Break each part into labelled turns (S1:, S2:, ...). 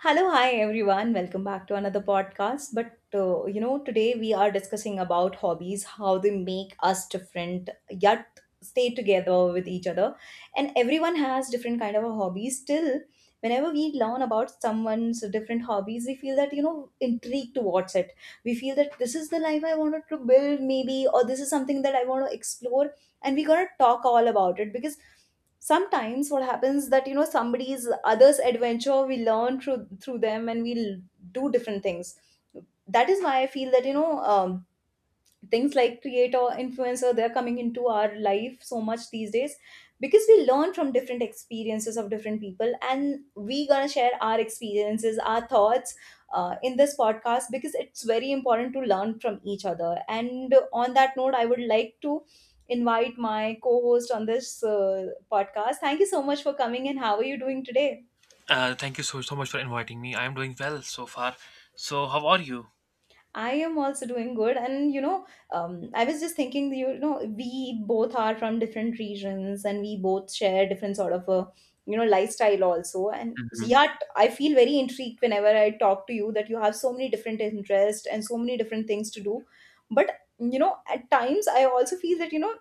S1: Hello, hi everyone. Welcome back to another podcast. But today we are discussing about hobbies, how they make us different yet stay together with each other. And everyone has different kind of a hobbies. Still, whenever we learn about someone's different hobbies, we feel that intrigued towards it. We feel that this is the life I wanted to build, maybe, or this is something that I want to explore, and we gotta talk all about it because sometimes what happens that somebody's others adventure we learn through them and we do different things. That is why I feel that things like creator influencer they're coming into our life so much these days, because we learn from different experiences of different people, and we gonna share our experiences, our thoughts in this podcast, because it's very important to learn from each other. And on that note, I would like to invite my co-host on this podcast. Thank you so much for coming, and how are you doing today?
S2: Thank you so, so much for inviting me. I am doing well so far. So, how are you?
S1: I am also doing good, and I was just thinking, you know, we both are from different regions, and we both share different sort of a, lifestyle also. And
S2: Mhm.
S1: yet, I feel very intrigued whenever I talk to you that you have so many different interests and so many different things to do. But at times, I also feel that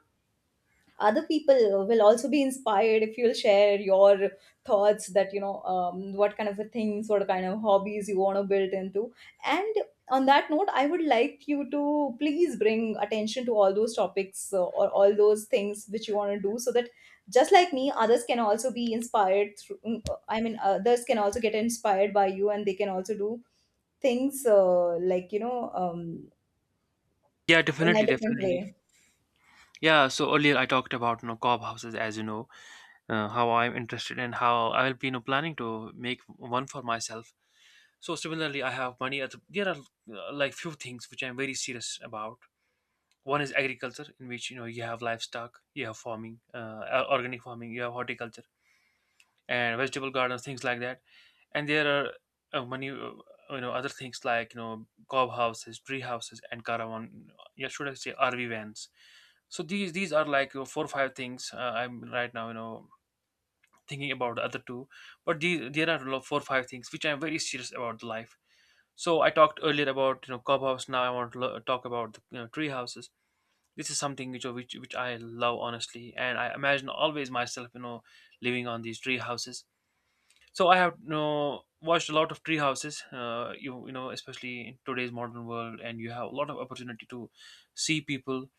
S1: other people will also be inspired if you'll share your thoughts that what kind of a things, what kind of hobbies you want to build into. And on that note, I would like you to please bring attention to all those topics, or all those things which you want to do, so that just like me, others can also be inspired through I mean, others can also get inspired by you, and they can also do things like
S2: Yeah,
S1: in a
S2: definitely,
S1: different
S2: definitely.
S1: way.
S2: Yeah, so earlier I talked about cob houses. As you know, how I'm interested and how I'll be planning to make one for myself. So similarly, I have money. At, there are like few things which I'm very serious about. One is agriculture, in which you have livestock, you have farming, organic farming, you have horticulture, and vegetable gardens, things like that. And there are many, other things like cob houses, tree houses, and caravan. Yeah, should I say RV vans? So these are like you four or five things I'm right now, thinking about the other two. But these, there are four or five things which I'm very serious about the life. So I talked earlier about cob house. Now I want to talk about the tree houses. This is something which I love honestly, and I imagine always myself living on these tree houses. So I have, you know, watched a lot of tree houses. You know, especially in today's modern world, and you have a lot of opportunity to see people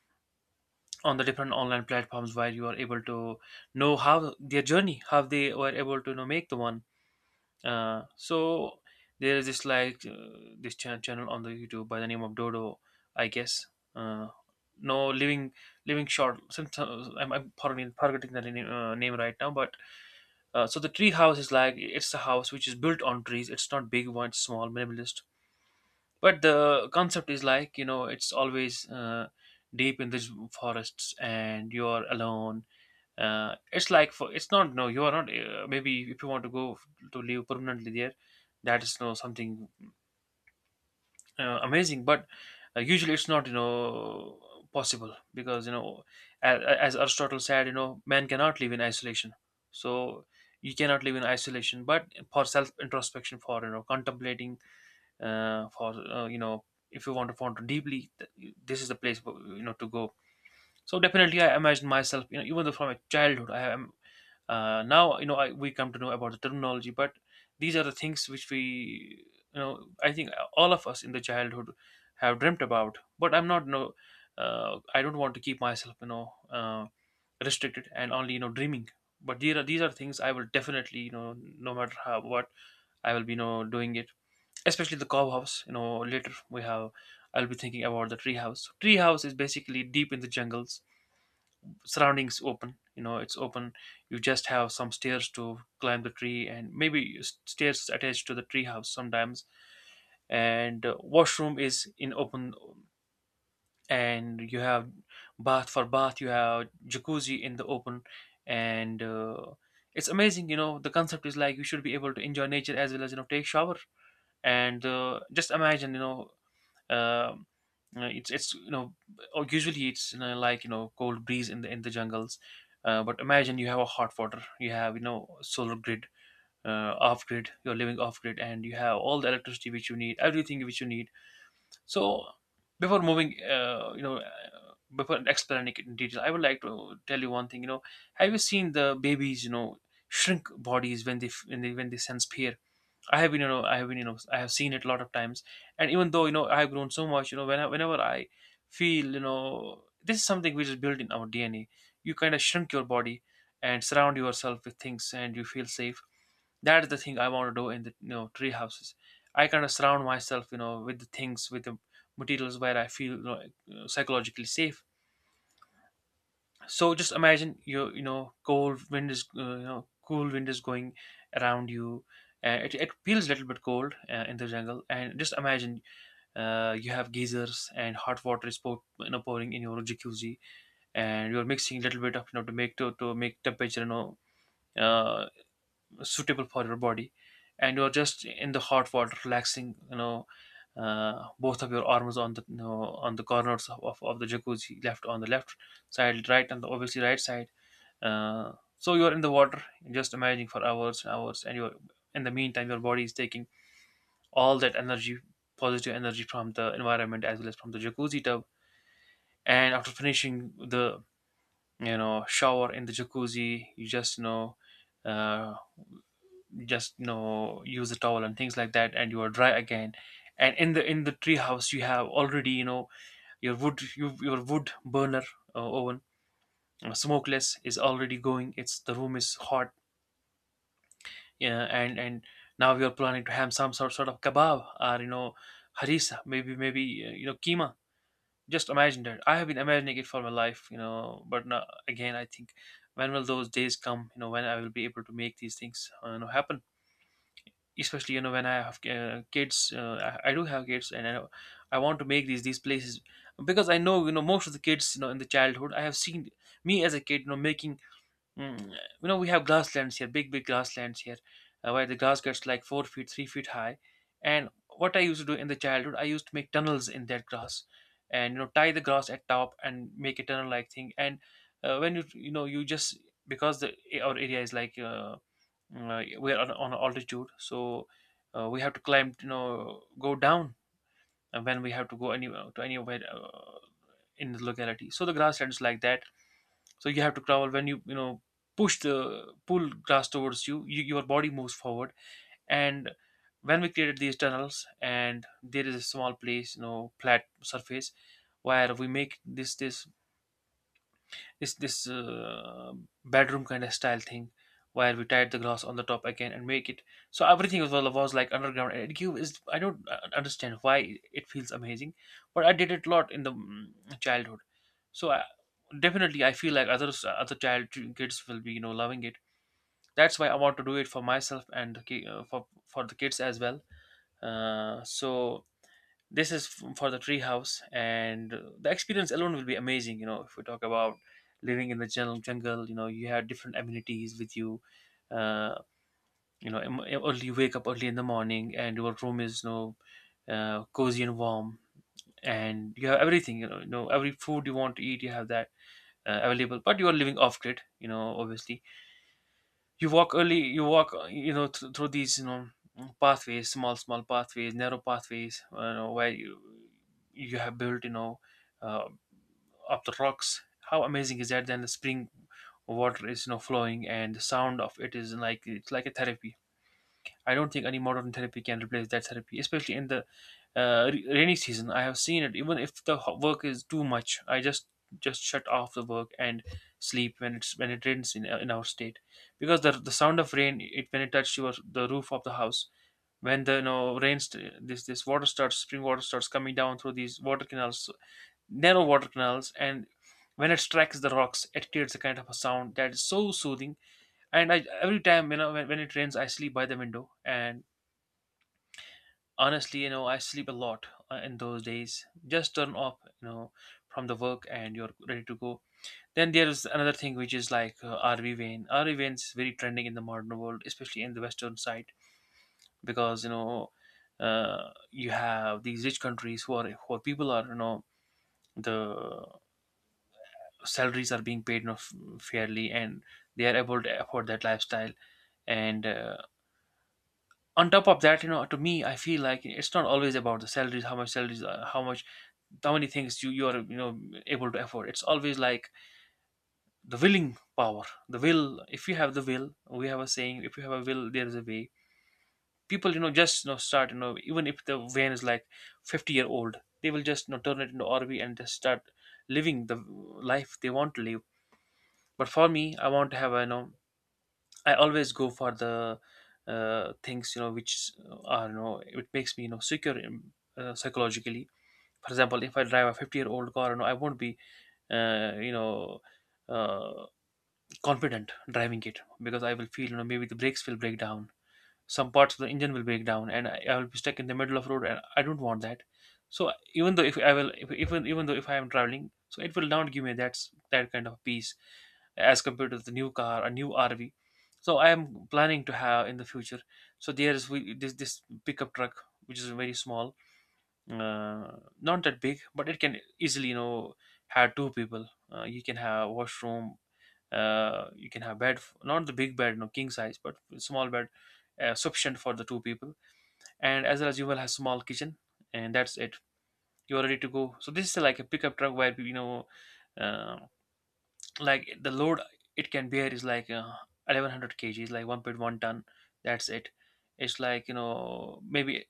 S2: on the different online platforms where you are able to know how their journey, how they were able to make the one. So there is this like this channel on the YouTube by the name of Dodo, I guess. Uh, no, living short. Sometimes I'm, pardon me, forgetting the name, right now. But so the tree house is like, it's a house which is built on trees. It's not big one; it's small, minimalist. But the concept is like, it's always deep in these forests and you're alone. It's like for it's not, no, you are not, maybe if you want to go to live permanently there, that is no something amazing. But usually it's not, possible, because, as Aristotle said, man cannot live in isolation. So you cannot live in isolation, but for self introspection, for, contemplating, for you know if you want to ponder deeply, this is the place, to go. So definitely, I imagine myself, you know, even though from a childhood, I am, now, you know, I, we come to know about the terminology. But these are the things which we, you know, I think all of us in the childhood have dreamt about. But I'm not, you know, I don't want to keep myself, you know, restricted and only, you know, dreaming. But these are things I will definitely, you know, no matter how what I will be, you know, doing it. Especially the cow house, you know. Later we have, I'll be thinking about the tree house. Tree house is basically deep in the jungles, surroundings open, you know, it's open. You just have some stairs to climb the tree and maybe stairs attached to the tree house sometimes. And washroom is in open, and you have bath. For bath you have jacuzzi in the open. And it's amazing, you know. The concept is like you should be able to enjoy nature as well as, you know, take shower. And just imagine, um, you, it's, it's, or usually it's, you know, like, you know, cold breeze in the jungles. But imagine you have a hot water, you have, you know, solar grid, off grid. You're living off grid and you have all the electricity which you need, everything which you need. So before moving, before explaining it in detail, I would like to tell you one thing. You know, have you seen the babies, you know, shrink bodies when they f- when they sense fear? I have been, you know, I have been, you know, I have seen it a lot of times. And even though, you know, I have grown so much, you know, whenever I feel, you know, this is something which is built in our DNA. You kind of shrink your body and surround yourself with things, and you feel safe. That is the thing I want to do in the, you know, tree houses. I kind of surround myself, you know, with the things, with the materials where I feel, you know, psychologically safe. So just imagine, you know, cold wind is, cool wind is going around you. It feels a little bit cold in the jungle, and just imagine, you have geysers and hot water is pouring in your jacuzzi, and you're mixing a little bit of, you know, to make to make temperature, you know, uh, suitable for your body, and you're just in the hot water relaxing, you know, both of your arms on the, you know, on the corners of the jacuzzi, left on the left side, right on the obviously right side. So you're in the water, just imagining for hours and hours, and you're, in the meantime, your body is taking all that energy, positive energy, from the environment as well as from the jacuzzi tub. And after finishing the, you know, shower in the jacuzzi, you just, uh, just, you know, use a towel and things like that, and you are dry again. And in the tree house, you have already, you know, your wood, your wood burner, oven, smokeless, is already going. It's, the room is hot. Yeah, and now you're planning to have some sort of kebab or, you know, harissa. Maybe you know, keema. Just imagine that. I have been imagining it for my life, you know. But no, again, I think, when will those days come? You know, when I will be able to make these things, you know, happen. Especially, you know, when I have kids. Uh, I do have kids, and I want to make these places, because I know, you know, most of the kids, you know, in the childhood. I have seen me as a kid, you know, making. Mm. You know, we have grasslands here, big, big grasslands here, where the grass gets like 4 feet, 3 feet high. And what I used to do in the childhood, I used to make tunnels in that grass, and, you know, tie the grass at top and make a tunnel-like thing. And when you know, you just, because the, our area is like, we're on, altitude. So we have to climb, you know, go down when we have to go anywhere, to anywhere, in the locality. So the grasslands like that, so you have to travel. When you know, push the, pull grass towards you, your body moves forward. And when we created these tunnels, and there is a small place, you know, flat surface, where we make this bedroom kind of style thing, where we tied the glass on the top again and make it, so everything was, well, was like underground. And it give is, I don't, understand why, it feels amazing. But I did it a lot in the childhood. So I, definitely, I feel like others, other child kids will be, you know, loving it. That's why I want to do it for myself and the for the kids as well. So this is for the treehouse. And the experience alone will be amazing. You know, if we talk about living in the jungle, you know, you have different amenities with you. Uh, you know, early, you wake up early in the morning, and your room is, you know, cozy and warm, and you have everything. You know, you know, every food you want to eat, you have that available. But you are living off grid. You know, obviously, you walk early, you know, through these, you know, pathways, small pathways, narrow pathways, you know, where you have built, you know, uh, up the rocks. How amazing is that? Then the spring water is, you know, flowing, and the sound of it is like, it's like a therapy. I don't think any modern therapy can replace that therapy, especially in the rainy season. I have seen it. Even if the work is too much, I just shut off the work and sleep when it rains in our state, because the sound of rain, it when it touches your the roof of the house when the you know this water starts, spring water starts coming down through these water canals, narrow water canals. And when it strikes the rocks, it creates a kind of a sound that is so soothing. And I, every time when it rains, I sleep by the window. And honestly, I sleep a lot in those days, just turn off, from the work, and you're ready to go. Then there's another thing which is like RV vein is very trending in the modern world, especially in the western side, because you have these rich countries who are people are, you know the salaries are being paid enough, fairly, and they are able to afford that lifestyle. And on top of that, you know, to me, I feel like it's not always about the salaries, how much salaries are, how much, how many things you you are you know, able to afford. It's always like the willing power, the will. If you have the will, we have a saying, if you have a will, there is a way. People, just, start, you know, even if the van is like 50-year old, they will just, you know, turn it into RV and just start living the life they want to live. But for me, I want to have a, you know, I always go for the things, you know, which are, you know, it makes me, you know, secure, psychologically. For example, if I drive a 50-year-old car, you know, I won't be uh, you know uh, confident driving it, because I will feel, you know, maybe the brakes will break down, some parts of the engine will break down, and I will be stuck in the middle of road, and I don't want that. So even though if I will if, even though if I am traveling, so it will not give me that kind of peace as compared to the new car, a new RV. So I am planning to have in the future. So there is we, this pickup truck, which is very small, not that big, but it can easily, you know, have two people. You can have washroom, you can have not the big bed, no king size, but small bed, sufficient for the two people. And as well as you will have small kitchen, and that's it, you're ready to go. So this is like a pickup truck where, uh, like, the load it can bear is like 1,100 kgs, like 1.1 ton, that's it. It's like, you know, maybe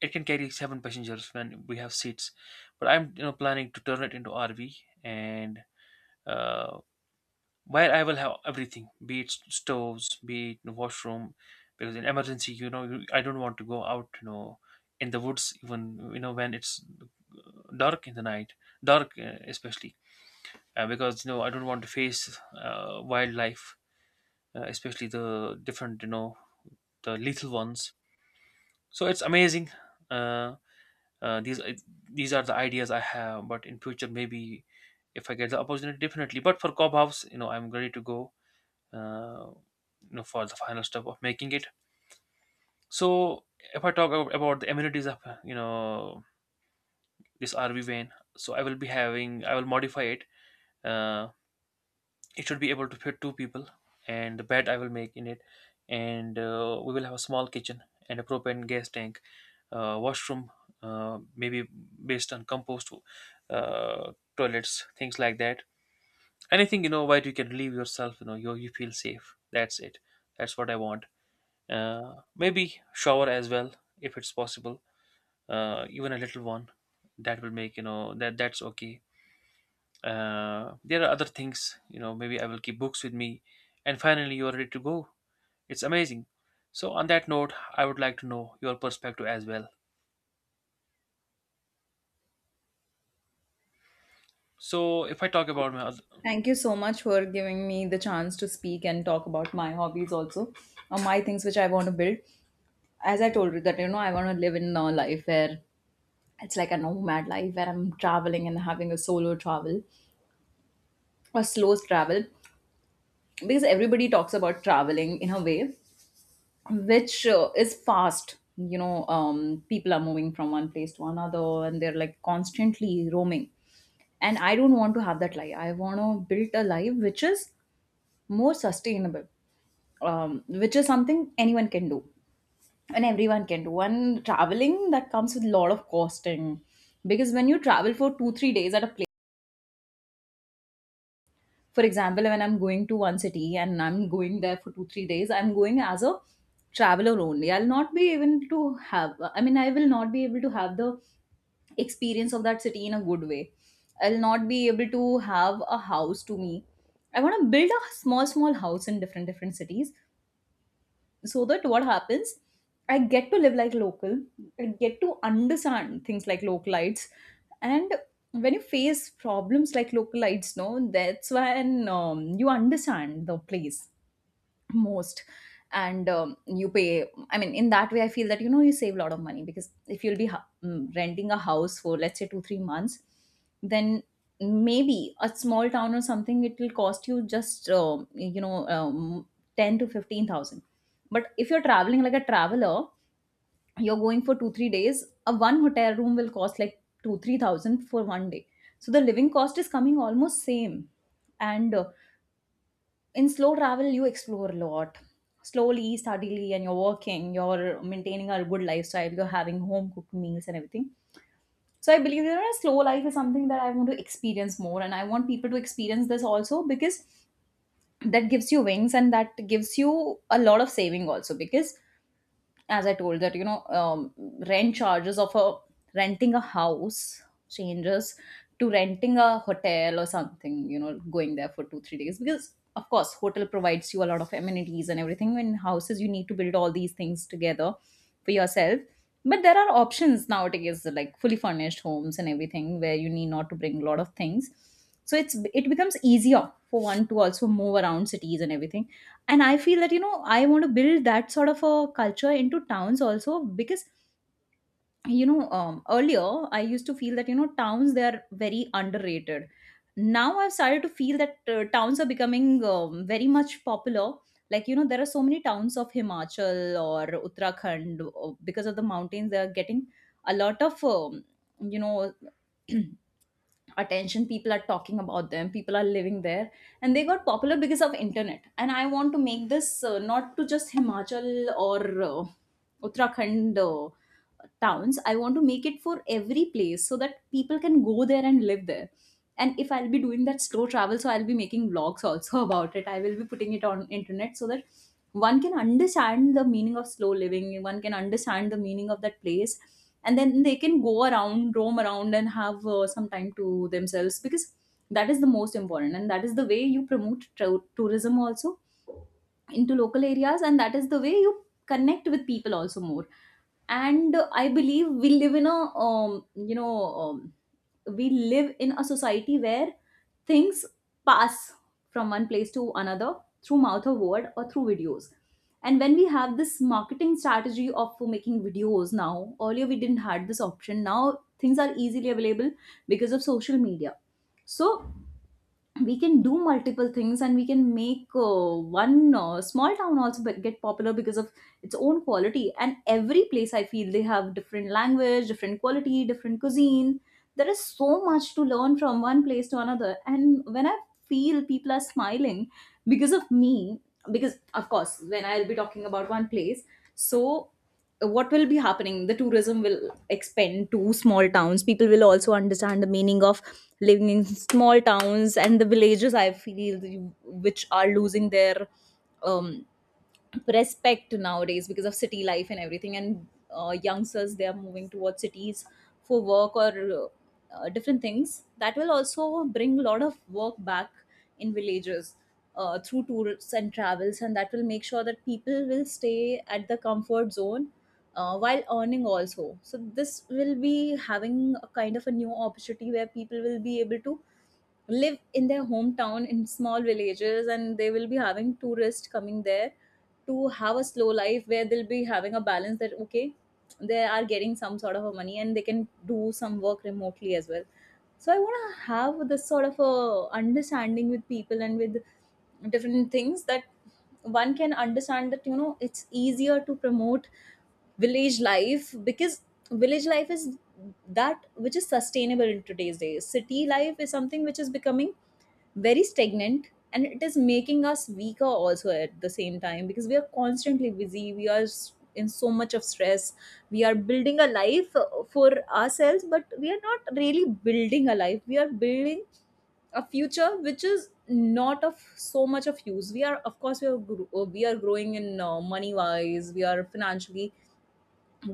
S2: it can carry seven passengers when we have seats, but I'm, you know, planning to turn it into RV and uh, where I will have everything, be it stoves, be it washroom, because in emergency, you know, I don't want to go out, you know, in the woods even, you know, when it's dark in the night, dark, especially, because, you know, I don't want to face wildlife, especially the different, you know, the lethal ones. So it's amazing. Uh, uh, these these are the ideas I have. But in future, maybe if I get the opportunity, definitely. But for Cobb House, you know, I'm ready to go. Uh, you know, for the final step of making it. So if I about the amenities of, you know, this RV van, so I will be having, I will modify it. Uh, it should be able to fit two people, and the bed I will make in it, and we will have a small kitchen and a propane gas tank, washroom, maybe based on compost uh, toilets, things like that. Anything, you know, where you can leave yourself, you know, you feel safe. That's it. That's what I want. Maybe shower as well, if it's possible. Even a little one, that will make, you know, that that's okay. There are other things, you know. Maybe I will keep books with me, and finally you are ready to go. It's amazing. So on that note, I would like to know your perspective as well. So if I talk about my.
S1: Thank you so much for giving me the chance to speak and talk about my hobbies also, or my things which I want to build. As I told you that I want to live in a life where it's like a nomad life where I'm traveling and having a solo travel, or slow travel, because everybody talks about traveling in a way which is fast. People are moving from one place to another, and they're like constantly roaming. And I don't want to have that life. I want to build a life which is more sustainable, which is something anyone can do and everyone can do. And traveling that comes with a lot of costing, because when you travel for 2-3 days at a place, for example, when I'm going to one city and I'm going there for 2-3 days, I'm going as a traveler only. I'll not be able to have, I mean, I will not be able to have the experience of that city in a good way. I'll not be able to have a house. To me, I want to build a small small house in different different cities, so that what happens, I get to live like local, I get to understand things like localites. And when you face problems like localites, no, that's when you understand the place most. And you pay, I mean, in that way I feel that you save a lot of money, because if you'll be renting a house for let's say 2 3 months, then maybe a small town or something, it will cost you just 10 to 15,000. But if you're traveling like a traveler, you're going for 2 3 days, a one hotel room will cost like 2 3,000 for one day. So the living cost is coming almost same. And in slow travel you explore a lot, slowly, steadily, and you're working, you're maintaining a good lifestyle, you're having home cooked meals and everything. So I believe a slow life is something that I want to experience more, and I want people to experience this also, because that gives you wings and that gives you a lot of saving also, because as I told that rent charges of a renting a house changes to renting a hotel or something, you know, going there for 2-3 days, because of course hotel provides you a lot of amenities and everything. In houses you need to build all these things together for yourself. But there are options nowadays like fully furnished homes and everything, where you need not to bring a lot of things. So it's, it becomes easier for one to also move around cities and everything. And I feel that I want to build that sort of a culture into towns also, because earlier I used to feel that towns, they are very underrated. Now I've started to feel that towns are becoming very much popular. Like there are so many towns of himachal, or uttarakhand, because of the mountains they are getting a lot of you know attention. People are talking about them, people are living there, and they got popular because of internet. And I want to make this, not to just himachal or uh, uttarakhand towns, I want to make it for every place, so that that people can go there and live there. And if I'll be doing that slow travel, so I'll be making vlogs also about it. I will be putting it on internet, so that one can understand the meaning of slow living, one can understand the meaning of that place. And then they can go around, roam around and have some time to themselves, because that is the most important, and that is the way you promote tourism also into local areas. And that is the way you connect with people also more. And I believe we live in a um, we live in a society where things pass from one place to another, through mouth of word or through videos. And when we have this marketing strategy of making videos, now earlier we didn't had this option, now things are easily available because of social media. So we can do multiple things, and we can make one small town also get popular because of its own quality. And every place, I feel, they have different language, different quality, different cuisine. There is so much to learn from one place to another. And when I feel people are smiling because of me, because of course when I'll be talking about one place, so what will be happening, the tourism will expand to small towns. People will also understand the meaning of living in small towns and the villages, I feel, which are losing their um respect nowadays because of city life and everything. And youngsters, they are moving towards cities for work or different things. That will also bring a lot of work back in villages, through tours and travels, and that will make sure that people will stay at the comfort zone, while earning also. So this will be having a kind of a new opportunity where people will be able to live in their hometown in small villages, and they will be having tourists coming there to have a slow life where they'll be having a balance that okay, they are getting some sort of a money and they can do some work remotely as well. So I want to have this sort of a understanding with people and with different things, that one can understand that it's easier to promote village life, because village life is that which is sustainable in today's days. City life is something which is becoming very stagnant, and it is making us weaker also at the same time, because we are constantly busy, we are in so much of stress. We are building a life for ourselves, but we are not really building a life. We are building a future which is not of so much of use. We are of course, we are growing in money wise, we are financially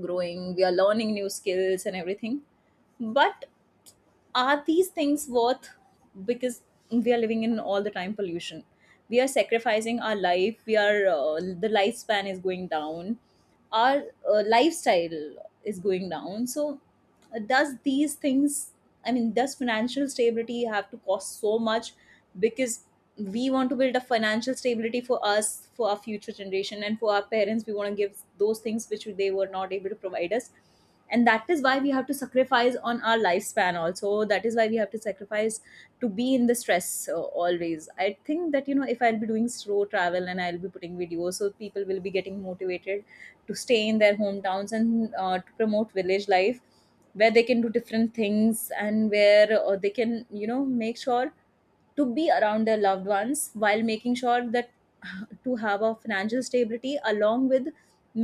S1: growing, we are learning new skills and everything, but are these things worth? Because we are living in all the time pollution, we are sacrificing our life, we are the lifespan is going down, our lifestyle is going down. So does these things, I mean, does financial stability have to cost so much? Because we want to build a financial stability for us, for our future generation, and for our parents, we want to give those things which they were not able to provide us. And that is why we have to sacrifice on our lifespan also. That is why we have to sacrifice to be in the stress, always. I think that if I'll be doing slow travel and I'll be putting videos, so people will be getting motivated to stay in their hometowns, and to promote village life where they can do different things, and where they can make sure to be around their loved ones, while making sure that to have a financial stability, along with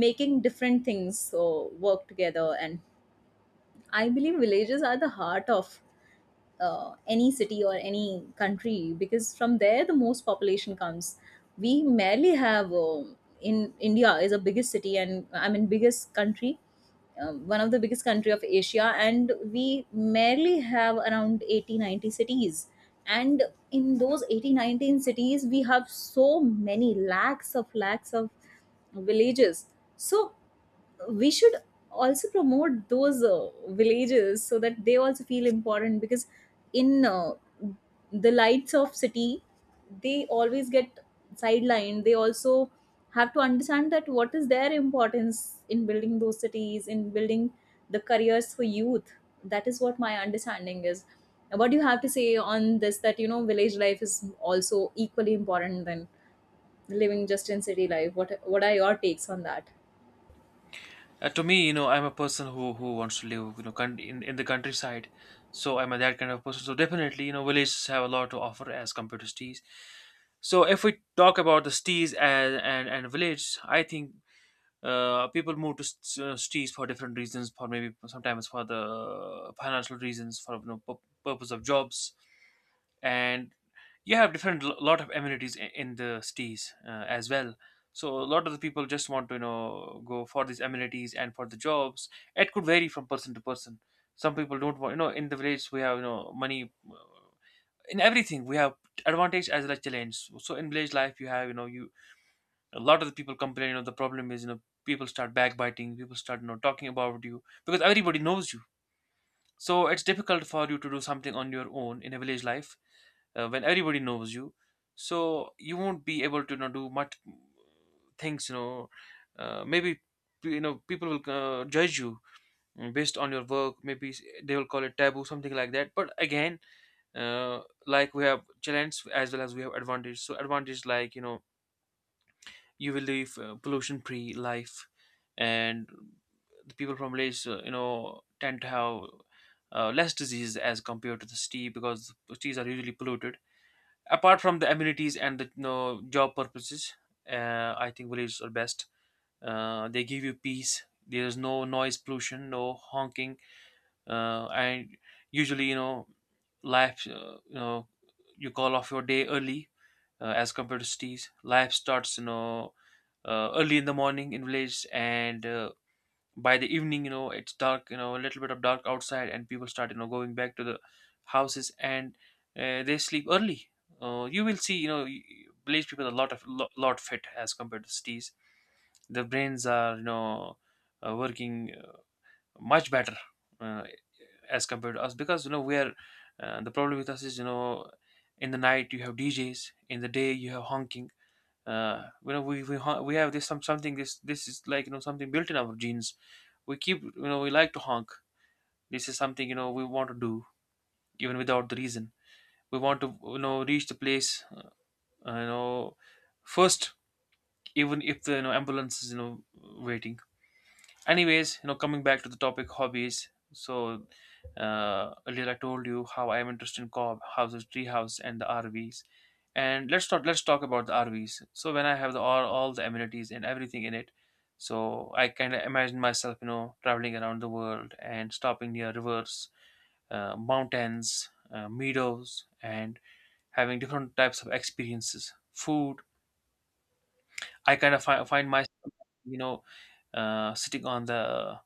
S1: making different things, so work together. And I believe villages are the heart of any city or any country, because from there the most population comes. We merely have in India is a biggest city, and I mean biggest country, one of the biggest country of Asia. And we merely have around 80, 90 cities. And in those 80 nineteen cities, we have so many lakhs of villages. So we should also promote those villages, so that they also feel important, because in the lights of city, they always get sidelined. They also have to understand that what is their importance in building those cities, in building the careers for youth. That is what my understanding is. What do you have to say on this that village life is also equally important than living just in city life? What are your takes on that?
S2: To me, you know, I'm a person who wants to live, you know, in the countryside. So I'm a that kind of person. So definitely, you know, villages have a lot to offer as compared to cities. So if we talk about the cities and village, I think people move to cities for different reasons. For maybe sometimes for the financial reasons, for, you know, purpose of jobs. And you have different lot of amenities in the cities as well. So a lot of the people just want to, you know, go for these amenities and for the jobs. It could vary from person to person. Some people don't want, you know, in the village we have, you know, money, in everything we have advantage as well as challenge. So in village life you have, you know, you, a lot of the people complain, you know, the problem is, you know, people start backbiting, people start, you know, talking about you because everybody knows you. So it's difficult for you to do something on your own in a village life when everybody knows you. So you won't be able to, you know, do much things, you know, maybe, you know, people will judge you, based on your work, maybe they will call it taboo, something like that. But again, uh, like, we have challenge as well as we have advantage. So advantage, like, you know, you will live pollution free life. And the people from Malaysia, you know, tend to have less disease as compared to the city, because the cities are usually polluted. Apart from the amenities and the, you know, job purposes, I think villages are best. They give you peace. There's no noise pollution, no honking, and usually, you know, life, you call off your day early as compared to cities. Life starts, you know, early in the morning in villages, and by the evening, you know, it's dark, you know, a little bit of dark outside, and people start, you know, going back to the houses, and they sleep early. You will see, you know, village people a lot of lot fit as compared to cities. Their brains are, you know, working much better uh, as compared to us, because, you know, we are, the problem with us is, you know, in the night you have DJs, in the day you have honking, you know, we have this some something, this is like, you know, something built in our genes. We keep, you know, we like to honk. This is something, you know, we want to do even without the reason. We want to, you know, reach the place you know, first, even if the, you know, ambulance is, you know, waiting. Anyways, you know, coming back to the topic, hobbies. So earlier I told you how I am interested in co-op houses, treehouse, and the RVs. And let's talk about the RVs. So when I have the all the amenities and everything in it, so I kind of imagine myself, you know, traveling around the world and stopping near rivers, mountains, meadows, and having different types of experiences. Food, I kind of find myself, you know, sitting on the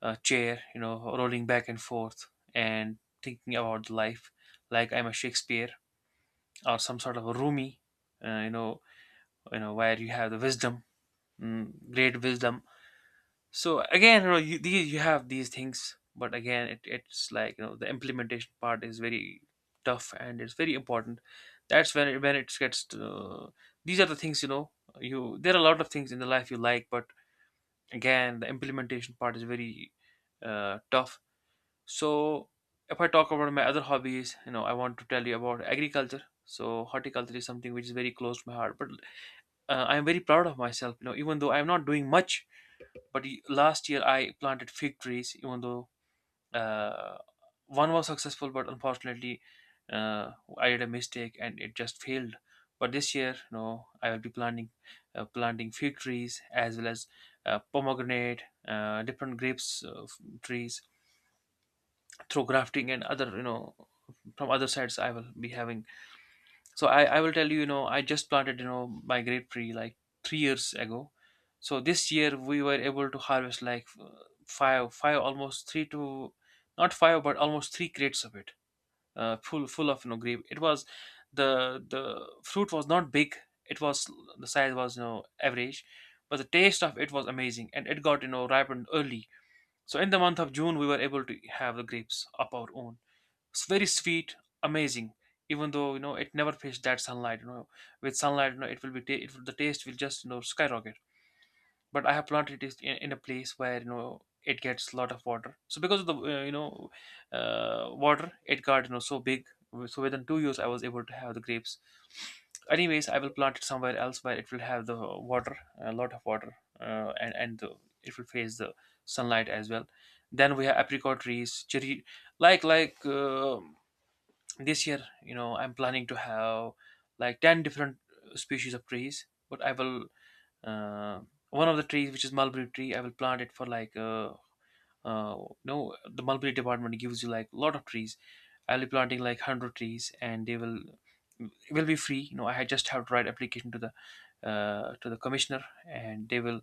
S2: chair, rolling back and forth and thinking about life, like I'm a Shakespeare or some sort of a Rumi, uh, you know, where you have the wisdom, great wisdom. So again, you have these things, but again it's like, the implementation part is very tough and it's very important. That's when when it gets to, these are the things. You There are a lot of things in the life you like, but again the implementation part is very tough. So if I talk about my other hobbies, I want to tell you about agriculture. So horticulture is something which is very close to my heart, but I'm very proud of myself, even though I'm not doing much. But last year I planted fig trees. Even though uh, one was successful, but unfortunately uh, I did a mistake and it just failed. But this year, I will be planting fig trees as well as pomegranate, different grapes, trees, through grafting and other, from other sides I will be having. So I will tell you, you know I just planted, my grape tree like 3 years ago. So this year we were able to harvest like five almost three to, not five but almost three crates of it, full of, grape. It was, the fruit was not big. It was, the size was, average, but the taste of it was amazing, and it got, ripened early. So in the month of June we were able to have the grapes of our own. It's very sweet, amazing. Even though, it never faced that sunlight, with sunlight, it will be the taste will just, skyrocket. But I have planted it in a place where, it gets a lot of water. So because of the water, it got, so big. So within 2 years, I was able to have the grapes. Anyways, I will plant it somewhere else where it will have the water, a lot of water, and it will face the sunlight as well. Then we have apricot trees, cherry, like like. Uh, this year, I'm planning to have like 10 different species of trees, but I will, uh, one of the trees, which is mulberry tree, I will plant it for like uh no, the mulberry department gives you like a lot of trees. I'll be planting like 100 trees, and they will it will be free. I just have to write application to the commissioner, and they will,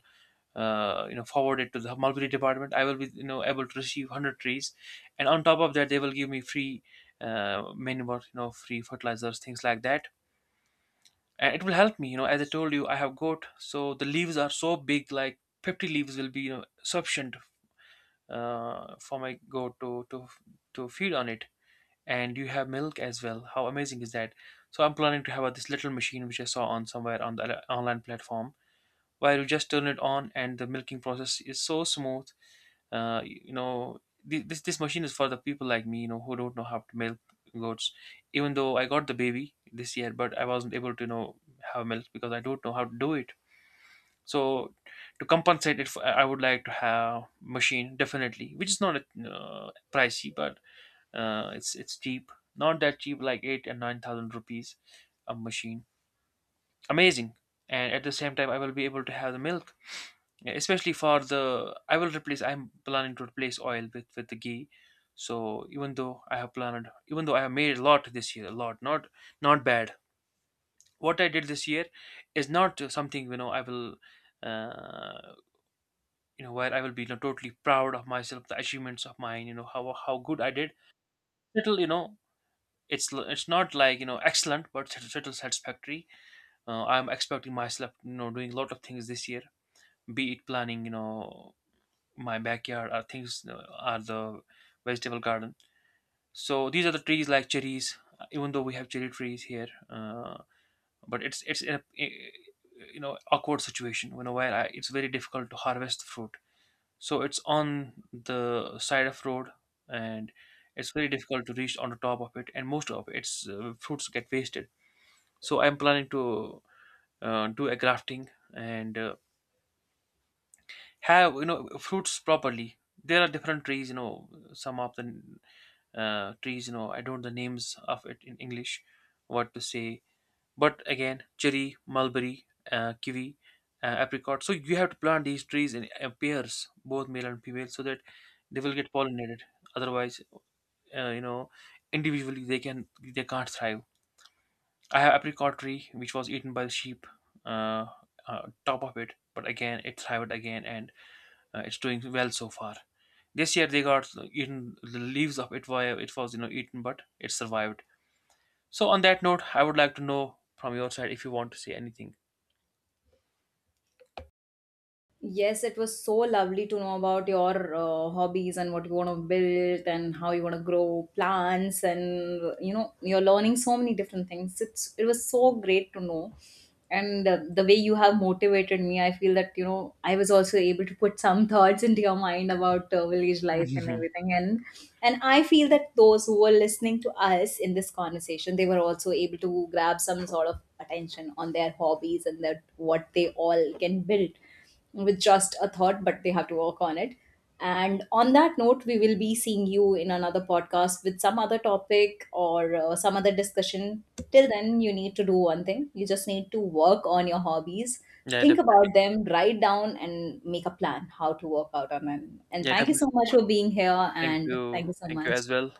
S2: forward it to the mulberry department. I will be, able to receive 100 trees. And on top of that, they will give me free manure, free fertilizers, things like that. And it will help me, as I told you, I have goat. So the leaves are so big, like 50 leaves will be, sufficient for my goat to feed on it. And you have milk as well. How amazing is that? So I'm planning to have this little machine which I saw on somewhere on the online platform, while you just turn it on and the milking process is so smooth. uh, you know this machine is for the people like me, who don't know how to milk goats. Even though I got the baby this year, but I wasn't able to, have milk because I don't know how to do it. So to compensate it for, I would like to have machine, definitely, which is not pricey, but it's cheap, not that cheap, like 8 and 9000 rupees a machine. Amazing. And at the same time, I will be able to have the milk. Yeah, especially for the, I'm planning to replace oil with the ghee. So, even though I have made a lot this year, a lot, not bad. What I did this year is not something, I will uh, you know where I will be, totally proud of myself, the achievements of mine, how good I did. Little, it's it's not like, excellent, but little satisfactory. I'm expecting myself, doing a lot of things this year, be it planning, my backyard are the vegetable garden. So these are the trees like cherries. Even though we have cherry trees here, but it's in awkward situation you know where it's very difficult to harvest the fruit. So it's on the side of road, and it's very difficult to reach on the top of it, and most of its fruits get wasted. So I'm planning to do a grafting and have, fruits properly. There are different trees, some of the trees. I don't know the names of it in English, what to say. But again, cherry, mulberry, kiwi, apricot. So you have to plant these trees in pairs, both male and female, so that they will get pollinated. Otherwise, uh, you know, individually, they can't thrive. I have apricot tree which was eaten by the sheep. Uh, Top of it, but again it thrived again and it's doing well so far. This year they got eaten, the leaves of it, why it was, eaten, but it survived. So on that note, I would like to know from your side if you want to say anything.
S1: Yes, it was so lovely to know about your hobbies, and what you want to build, and how you want to grow plants, and you're learning so many different things. It was so great to know, and the way you have motivated me, I feel that I was also able to put some thoughts into your mind about village life and
S2: Mhm.
S1: everything. And I feel that those who were listening to us in this conversation, they were also able to grab some sort of attention on their hobbies and that what they all can build with just a thought, but they have to work on it. And on that note, we will be seeing you in another podcast with some other topic or some other discussion. Till then, you need to do one thing, you just need to work on your hobbies,
S2: Yeah,
S1: think
S2: definitely.
S1: about them, write down, and make a plan how to work out on them. And
S2: Yeah,
S1: thank you
S2: definitely.
S1: so much for being here.
S2: Thank
S1: And
S2: you.
S1: thank you so
S2: Thank you
S1: much.
S2: as well.